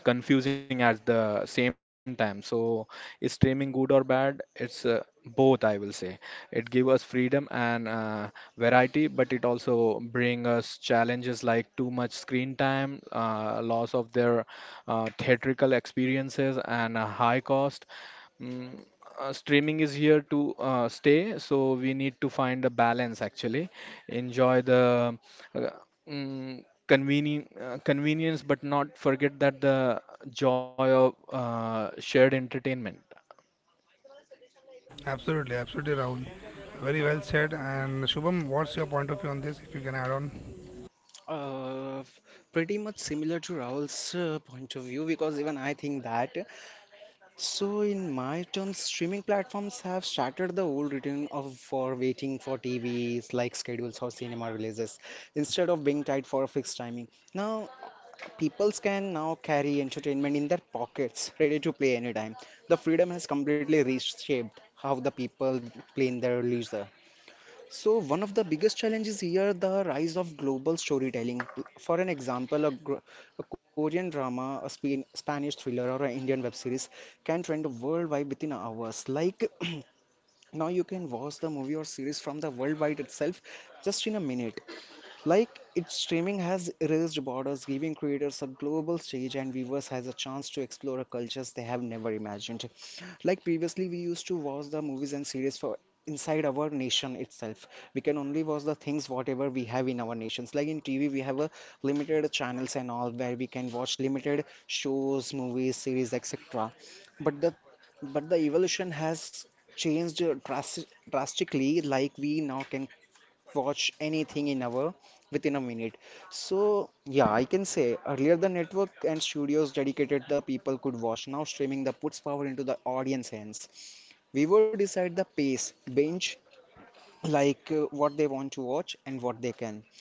B: confusing at the same time. So is streaming good or bad? It's both, I will say. It give us freedom and variety, but it also bring us challenges like too much screen time, loss of their theatrical experiences and a high cost. Mm, Streaming is here to stay, so we need to find a balance actually. Enjoy the uh, mm, convenient convenience but not forget that the joy of shared entertainment.
A: absolutely, absolutely, Rahul. Very well said. And Shubham, what's your point of view on this? If you can add on.
C: Uh, f- Pretty much similar to Rahul's point of view, because even I think that. So, in my terms, streaming platforms have shattered the old routine of for waiting for TVs like schedules or cinema releases, instead of being tied for a fixed timing. Now, peoples can now carry entertainment in their pockets, ready to play anytime. The freedom has completely reshaped how the people play in their leisure. So one of the biggest challenges here the rise of global storytelling. For an example, a Korean drama, a Spanish thriller, or an Indian web series can trend worldwide within hours. Like now you can watch the movie or series from the worldwide itself just in a minute. Like its streaming has erased borders, giving creators a global stage and viewers has a chance to explore cultures they have never imagined. Like previously, we used to watch the movies and series for inside our nation itself. We can only watch the things whatever we have in our nations. Like in TV, we have a limited channels and all, where we can watch limited shows, movies, series, etc. But the but the evolution has changed drastic, drastically. Like we now can watch anything in our within a minute. So yeah, I can say earlier the network and studios dedicated the people could watch. Now streaming the puts power into the audience hands. We will decide the pace, binge, like what they want to watch and what they can.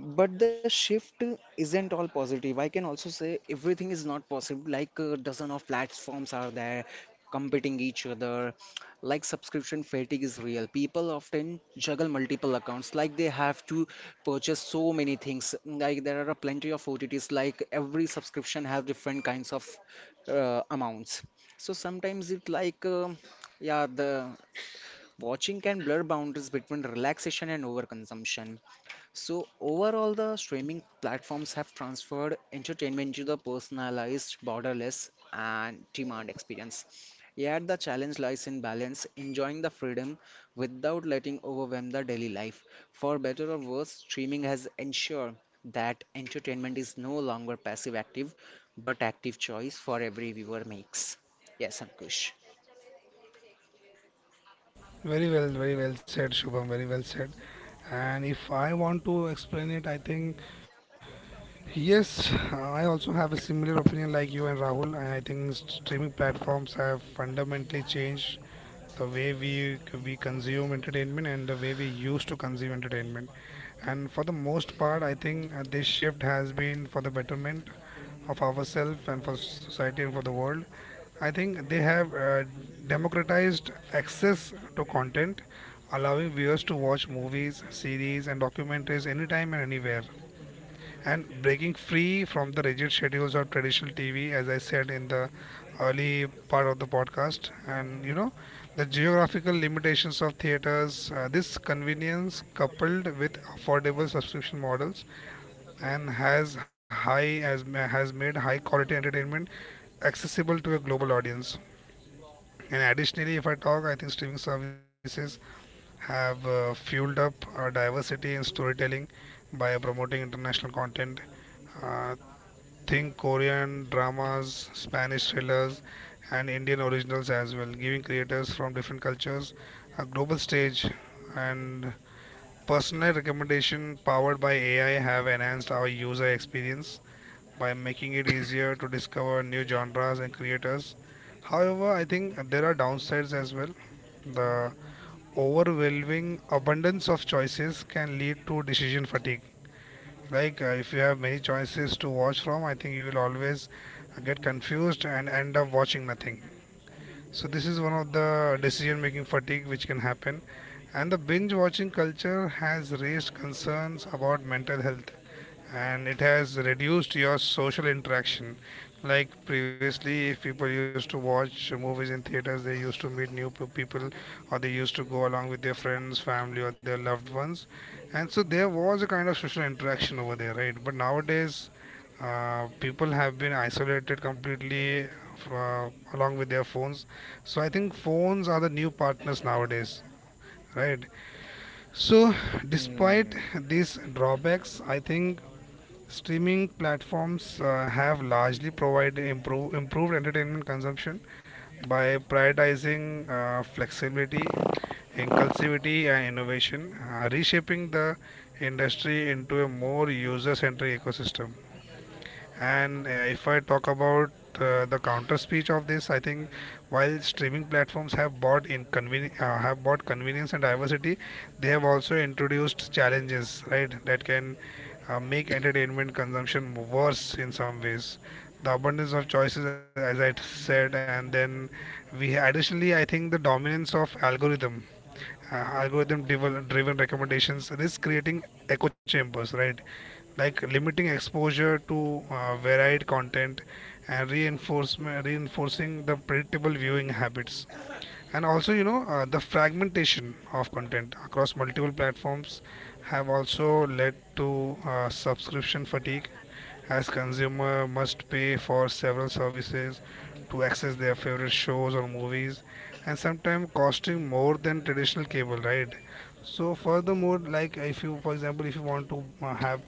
C: But the shift isn't all positive. I can also say everything is not possible. Like a dozen of platforms are there competing each other. Like subscription fatigue is real. People often juggle multiple accounts. Like they have to purchase so many things. Like there are plenty of OTTs. Like every subscription have different kinds of amounts. So sometimes it like yeah the watching can blur boundaries between relaxation and overconsumption. So overall, the streaming platforms have transferred entertainment to the personalized, borderless, and demand experience. Yet the challenge lies in balance, enjoying the freedom without letting overwhelm the daily life. For better or worse, streaming has ensured that entertainment is no longer passive active, but active choice for every viewer makes. Yes, Ankush.
A: Very well, very well said, Shubham. Very well said. And if I want to explain it, I think yes, I also have a similar opinion like you and Rahul, and I think streaming platforms have fundamentally changed the way we consume entertainment and the way we used to consume entertainment. And for the most part, I think this shift has been for the betterment of ourselves and for society and for the world. I think they have democratized access to content, allowing viewers to watch movies, series, and documentaries anytime and anywhere and breaking free from the rigid schedules of traditional TV, as I said in the early part of the podcast, and you know, the geographical limitations of theaters. This convenience, coupled with affordable subscription models, and has high as has made high quality entertainment accessible to a global audience. And additionally, if I talk, I think streaming services have fueled up diversity in storytelling by promoting international content, uh, think Korean dramas, Spanish thrillers, and Indian originals as well, giving creators from different cultures a global stage, and personal recommendation powered by AI have enhanced our user experience by making it easier to discover new genres and creators. However, I think there are downsides as well. The overwhelming abundance of choices can lead to decision fatigue, like if you have many choices to watch from, I think you will always get confused and end up watching nothing. So this is one of the decision-making fatigue which can happen. And the binge watching culture has raised concerns about mental health, and it has reduced your social interaction. Like previously if people used to watch movies in theaters they used to meet new people or they used to go along with their friends family or their loved ones, and so there was a kind of social interaction over there, right? But nowadays people have been isolated completely along with their phones. So I think phones are the new partners nowadays, right? So despite
B: Mm,
A: these drawbacks, I think streaming platforms have largely provided improved entertainment consumption by prioritizing flexibility, inclusivity, and innovation, reshaping the industry into a more user centric ecosystem. And if I talk about the counter speech of this, I think while streaming platforms have have bought convenience and diversity, they have also introduced challenges, right? That can make entertainment consumption worse in some ways. The abundance of choices, as I said, and then we additionally, I think the dominance of algorithm driven recommendations risk creating echo chambers, right? Like limiting exposure to varied content and reinforcement reinforcing the predictable viewing habits. And also you know, the fragmentation of content across multiple platforms have also led to subscription fatigue, as consumer must pay for several services to access their favorite shows or movies and sometimes costing more than traditional cable, right? So furthermore, like if you, for example, if you want to have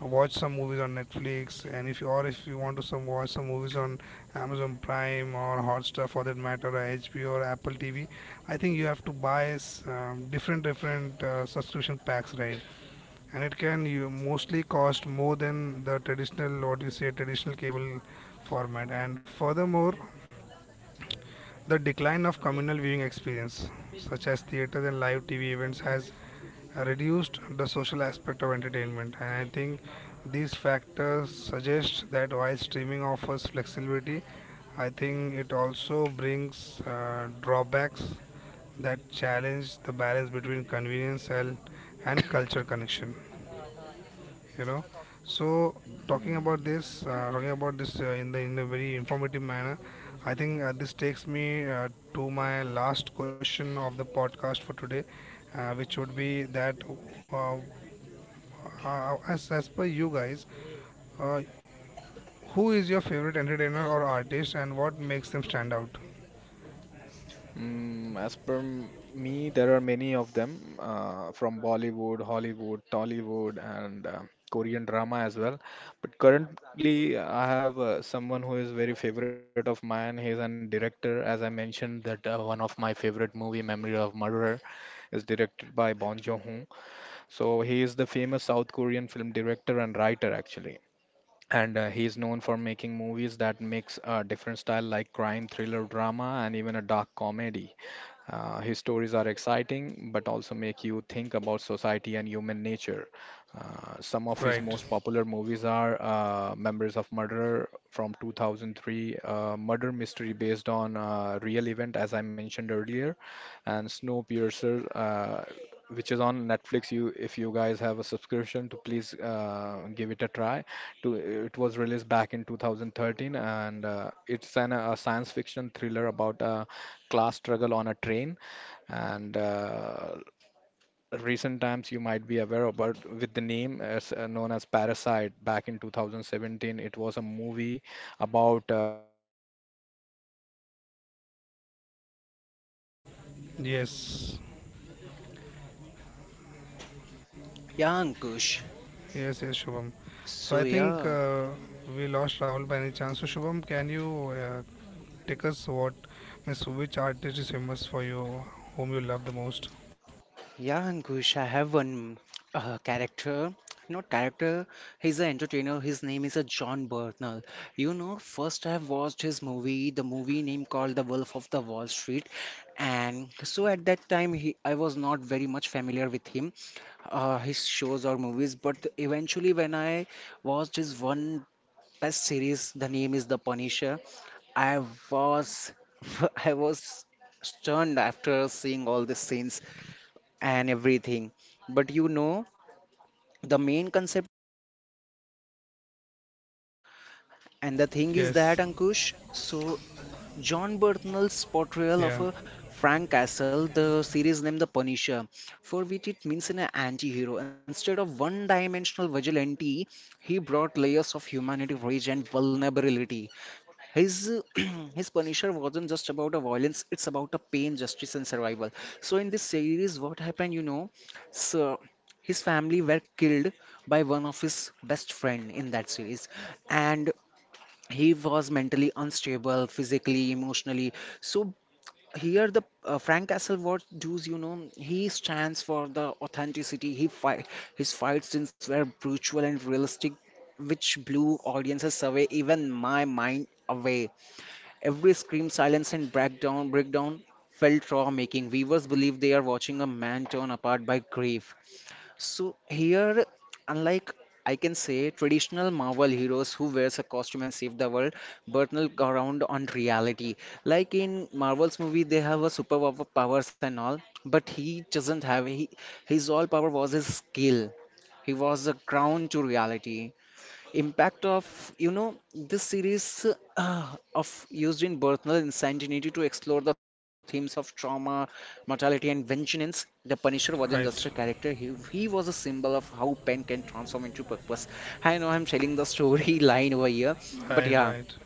A: watch some movies on Netflix, and if you or if you want to some watch some movies on Amazon Prime or Hotstar, for that matter, or HBO or Apple TV, I think you have to buy different subscription packs, right? And it can you mostly cost more than the traditional, what you say, traditional cable format. And furthermore, the decline of communal viewing experience, such as theaters and live TV events, has reduced the social aspect of entertainment. And I think these factors suggest that while streaming offers flexibility, I think it also brings drawbacks that challenge the balance between convenience and culture connection, you know. So
B: mm,
A: talking about this in the in a very informative manner, I think this takes me to my last question of the podcast for today, which would be that uh, as per you guys, uh, who is your favorite entertainer or artist and what makes them stand out,
B: As per me, there are many of them from Bollywood, Hollywood, Tollywood, and Korean drama as well. But currently, I have someone who is very favorite of mine. He is an director, as I mentioned, that one of my favorite movie, Memory of Murderer, is directed by Bong Joon-ho. So he is the famous South Korean film director and writer actually. And he is known for making movies that mix a different style like crime, thriller, drama, and even a dark comedy. His stories are exciting, but also make you think about society and human nature. Some of his
A: right?
B: most popular movies are Memories of Murder from 2003, murder mystery based on real event, as I mentioned earlier, and Snowpiercer, which is on Netflix. You, if you guys have a subscription, to please give it a try. To, it was released back in 2013, and it's a science fiction thriller about a class struggle on a train. And recent times, you might be aware about with the
A: Yes,
C: Yeah, Ankush.
A: yes, yes, Shubham. So I
C: So
A: think
C: yeah.
A: we lost Rahul by any chance, so Shubham, can you uh, take us what, miss, which artist is famous for you, whom you love the most?
C: Yeah, Ankush, I have one uh, character, not character, he's an entertainer. His name is John Bernthal. You know, first I've watched his movie, the movie name called The Wolf of the Wall Street. And so at that time, he, I was not very much familiar with him, his shows or movies. But eventually, when I watched his one best series, the name is The Punisher, I was, I was stunned after seeing all these scenes and everything. But you know, the main concept and the thing is
A: Yes,
C: that, Ankush, so John Bernthal's portrayal
A: yeah,
C: of a Frank Castle, the series name The Punisher, for which it means an anti-hero. Instead of one-dimensional vigilante, he brought layers of humanity, rage, and vulnerability. His his Punisher wasn't just about a violence; it's about a pain, justice, and survival. So in this series, what happened? You know, so his family were killed by one of his best friend in that series, and he was mentally unstable, physically, emotionally. So here, the Frank Castle what does? You know, he stands for the authenticity. He fight His fight scenes were brutal and realistic, which blew audiences away, even my mind away. Every scream, silence, and breakdown felt raw, making viewers believe they are watching a man torn apart by grief. So here, unlike I can say traditional Marvel heroes who wears a costume and save the world, Burnell around on reality. Like in Marvel's movie, they have a superpower powers and all, but he doesn't have. He, his all power was his skill. He was a ground to reality impact of you know this series of used in Berthnal Insanity to explore the themes of trauma, mortality, and vengeance. The Punisher wasn't just a
A: right,
C: character; he was a symbol of how pain can transform into purpose. I know I'm telling the story line over here, but
A: right,
C: yeah,
A: right.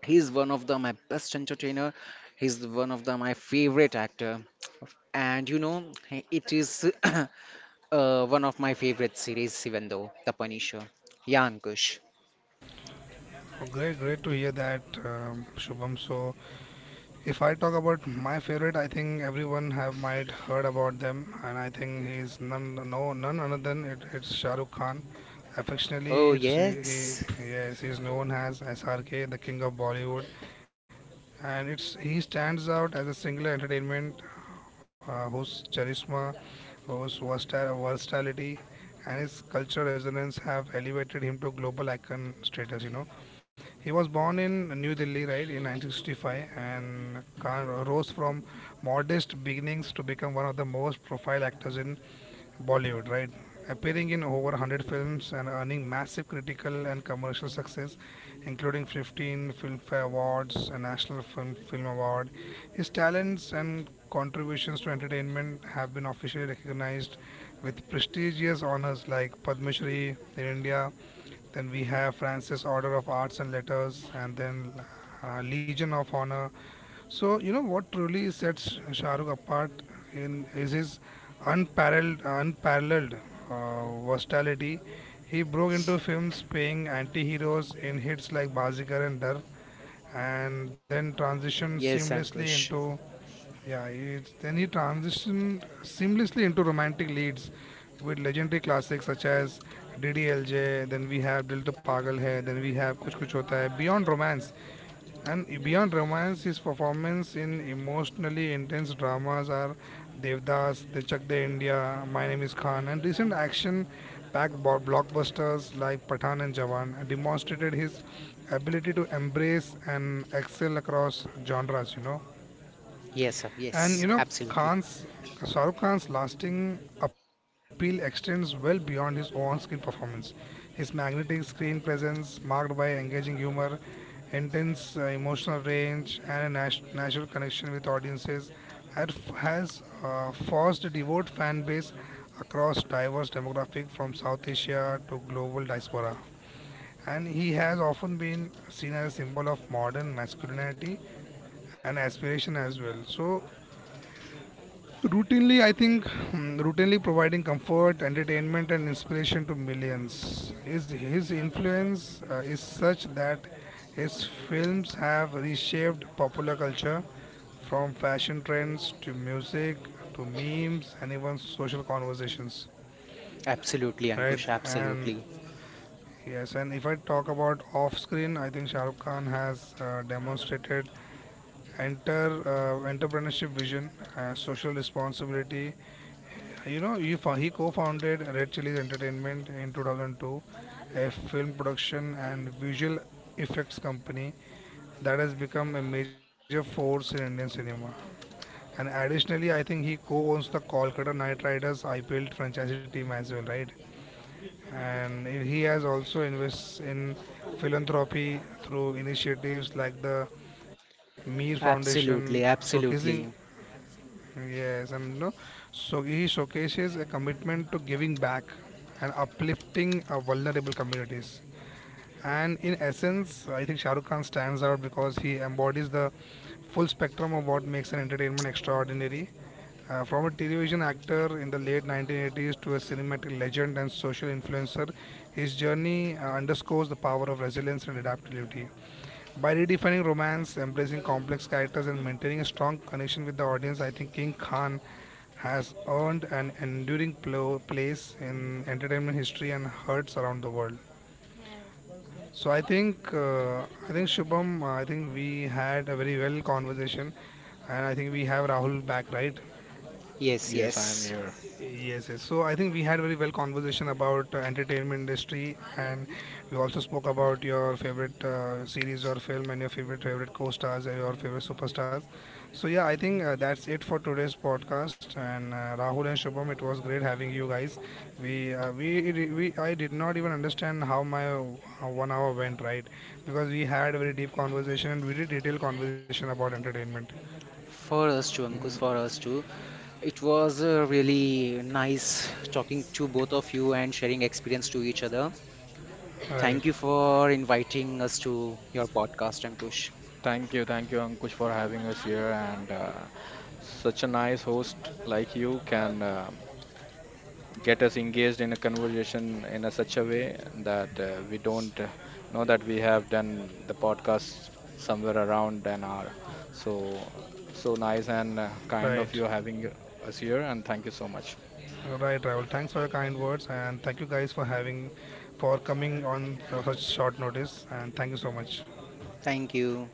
C: he's one of the my best entertainer. He's one of the my favorite actor, and you know it is one of my favorite series, even though The Punisher. Yeah, Ankush.
A: Oh, great, great to hear that, Shubham. So, if I talk about my favorite, I think everyone have might heard about them, and I think he's none, no, none other than it's Shah Rukh Khan. Affectionately,
C: Oh, yes.
A: yes, he's known as SRK, the king of Bollywood, and it's he stands out as a singular entertainment, whose charisma, whose versatility, and his cultural resonance have elevated him to global icon status. You know, he was born in New Delhi, right, in 1965, and Khan rose from modest beginnings to become one of the most profile actors in Bollywood, right? Appearing in over 100 films and earning massive critical and commercial success, including 15 Filmfare Awards, Film Award. His talents and contributions to entertainment have been officially recognized with prestigious honors like Padma Shri in India, then we have Francis Order of Arts and Letters, and then Legion of Honor. So you know what truly sets Shah Rukh apart in is his unparalleled versatility. He broke into films playing anti-heroes in hits like Bazikar and Dar, and then transitioned
C: Yes,
A: seamlessly
C: Ankush.
A: into yeah. Then he transitioned seamlessly into romantic leads with legendary classics such as DDLJ. Then we have Dil To Pagal Hai. Then we have Kuch Kuch Hota Hai. Beyond romance, his performance in emotionally intense dramas are Devdas, The Chak De India, My Name Is Khan, and recent action-packed blockbusters like Pathan and Jawan demonstrated his ability to embrace and excel across genres. You know.
C: Yes, sir, yes.
A: And you know,
C: Absolutely.
A: Khan's Shah Rukh Khan's lasting appeal extends well beyond his on-screen performance. His magnetic screen presence, marked by engaging humor, intense emotional range, and a natural connection with audiences, has forced a devout fan base across diverse demographics from South Asia to global diaspora. And he has often been seen as a symbol of modern masculinity and aspiration as well. So routinely, I think hmm, routinely providing comfort, entertainment, and inspiration to millions. His influence is such that his films have reshaped popular culture from fashion trends to music to memes and even social conversations.
C: Absolutely,
A: Right?
C: Ankush.
A: And
C: Absolutely.
A: yes, and if I talk about off screen, I think Shah Rukh Khan has demonstrated enter entrepreneurship vision, social responsibility. You know, he co-founded Red Chillies Entertainment in 2002, a film production and visual effects company that has become a major force in Indian cinema. And additionally, I think he co-owns the Kolkata Knight Riders IPL franchise team as well, right? And he has also invests in philanthropy through initiatives like the Mir Foundation,
C: Absolutely.
A: showcasing
C: Absolutely.
A: yes, and no, so he showcases a commitment to giving back and uplifting vulnerable communities. And in essence, I think Shah Rukh Khan stands out because he embodies the full spectrum of what makes an entertainment extraordinary. From a television actor in the late 1980s to a cinematic legend and social influencer, his journey underscores the power of resilience and adaptability. By redefining romance, embracing complex characters, and maintaining a strong connection with the audience, I think King Khan has earned an enduring place in entertainment history and hearts around the world. So I think Shubham, I think we had a very well conversation, and I think we have Rahul back, right?
C: Yes,
B: Yes, I am
C: yes.
B: here.
A: Yes, yes. So I think we had very well conversation about entertainment industry, and we also spoke about your favorite series or film and your favorite co-stars and your favorite superstars. So yeah, I think that's it for today's podcast. And Rahul and Shubham, it was great having you guys. We I did not even understand how my 1 hour went, right, because we had a very deep conversation and very detailed conversation about entertainment.
C: For us too,
B: Mhm.
C: Ankush, for us too. It was really nice talking to both of you and sharing experience to each other.
A: Right,
C: Thank you for inviting us to your podcast, Ankush.
B: Thank you, Ankush, for having us here. And such a nice host like you can get us engaged in a conversation in a such a way that we don't know that we have done the podcast somewhere around an hour. So, so nice and kind of
A: right.
B: you having us here, and thank you so much.
A: Right, Rahul. Thanks for your kind words, and thank you guys for having, for coming on such short notice. And thank you so much.
C: Thank you.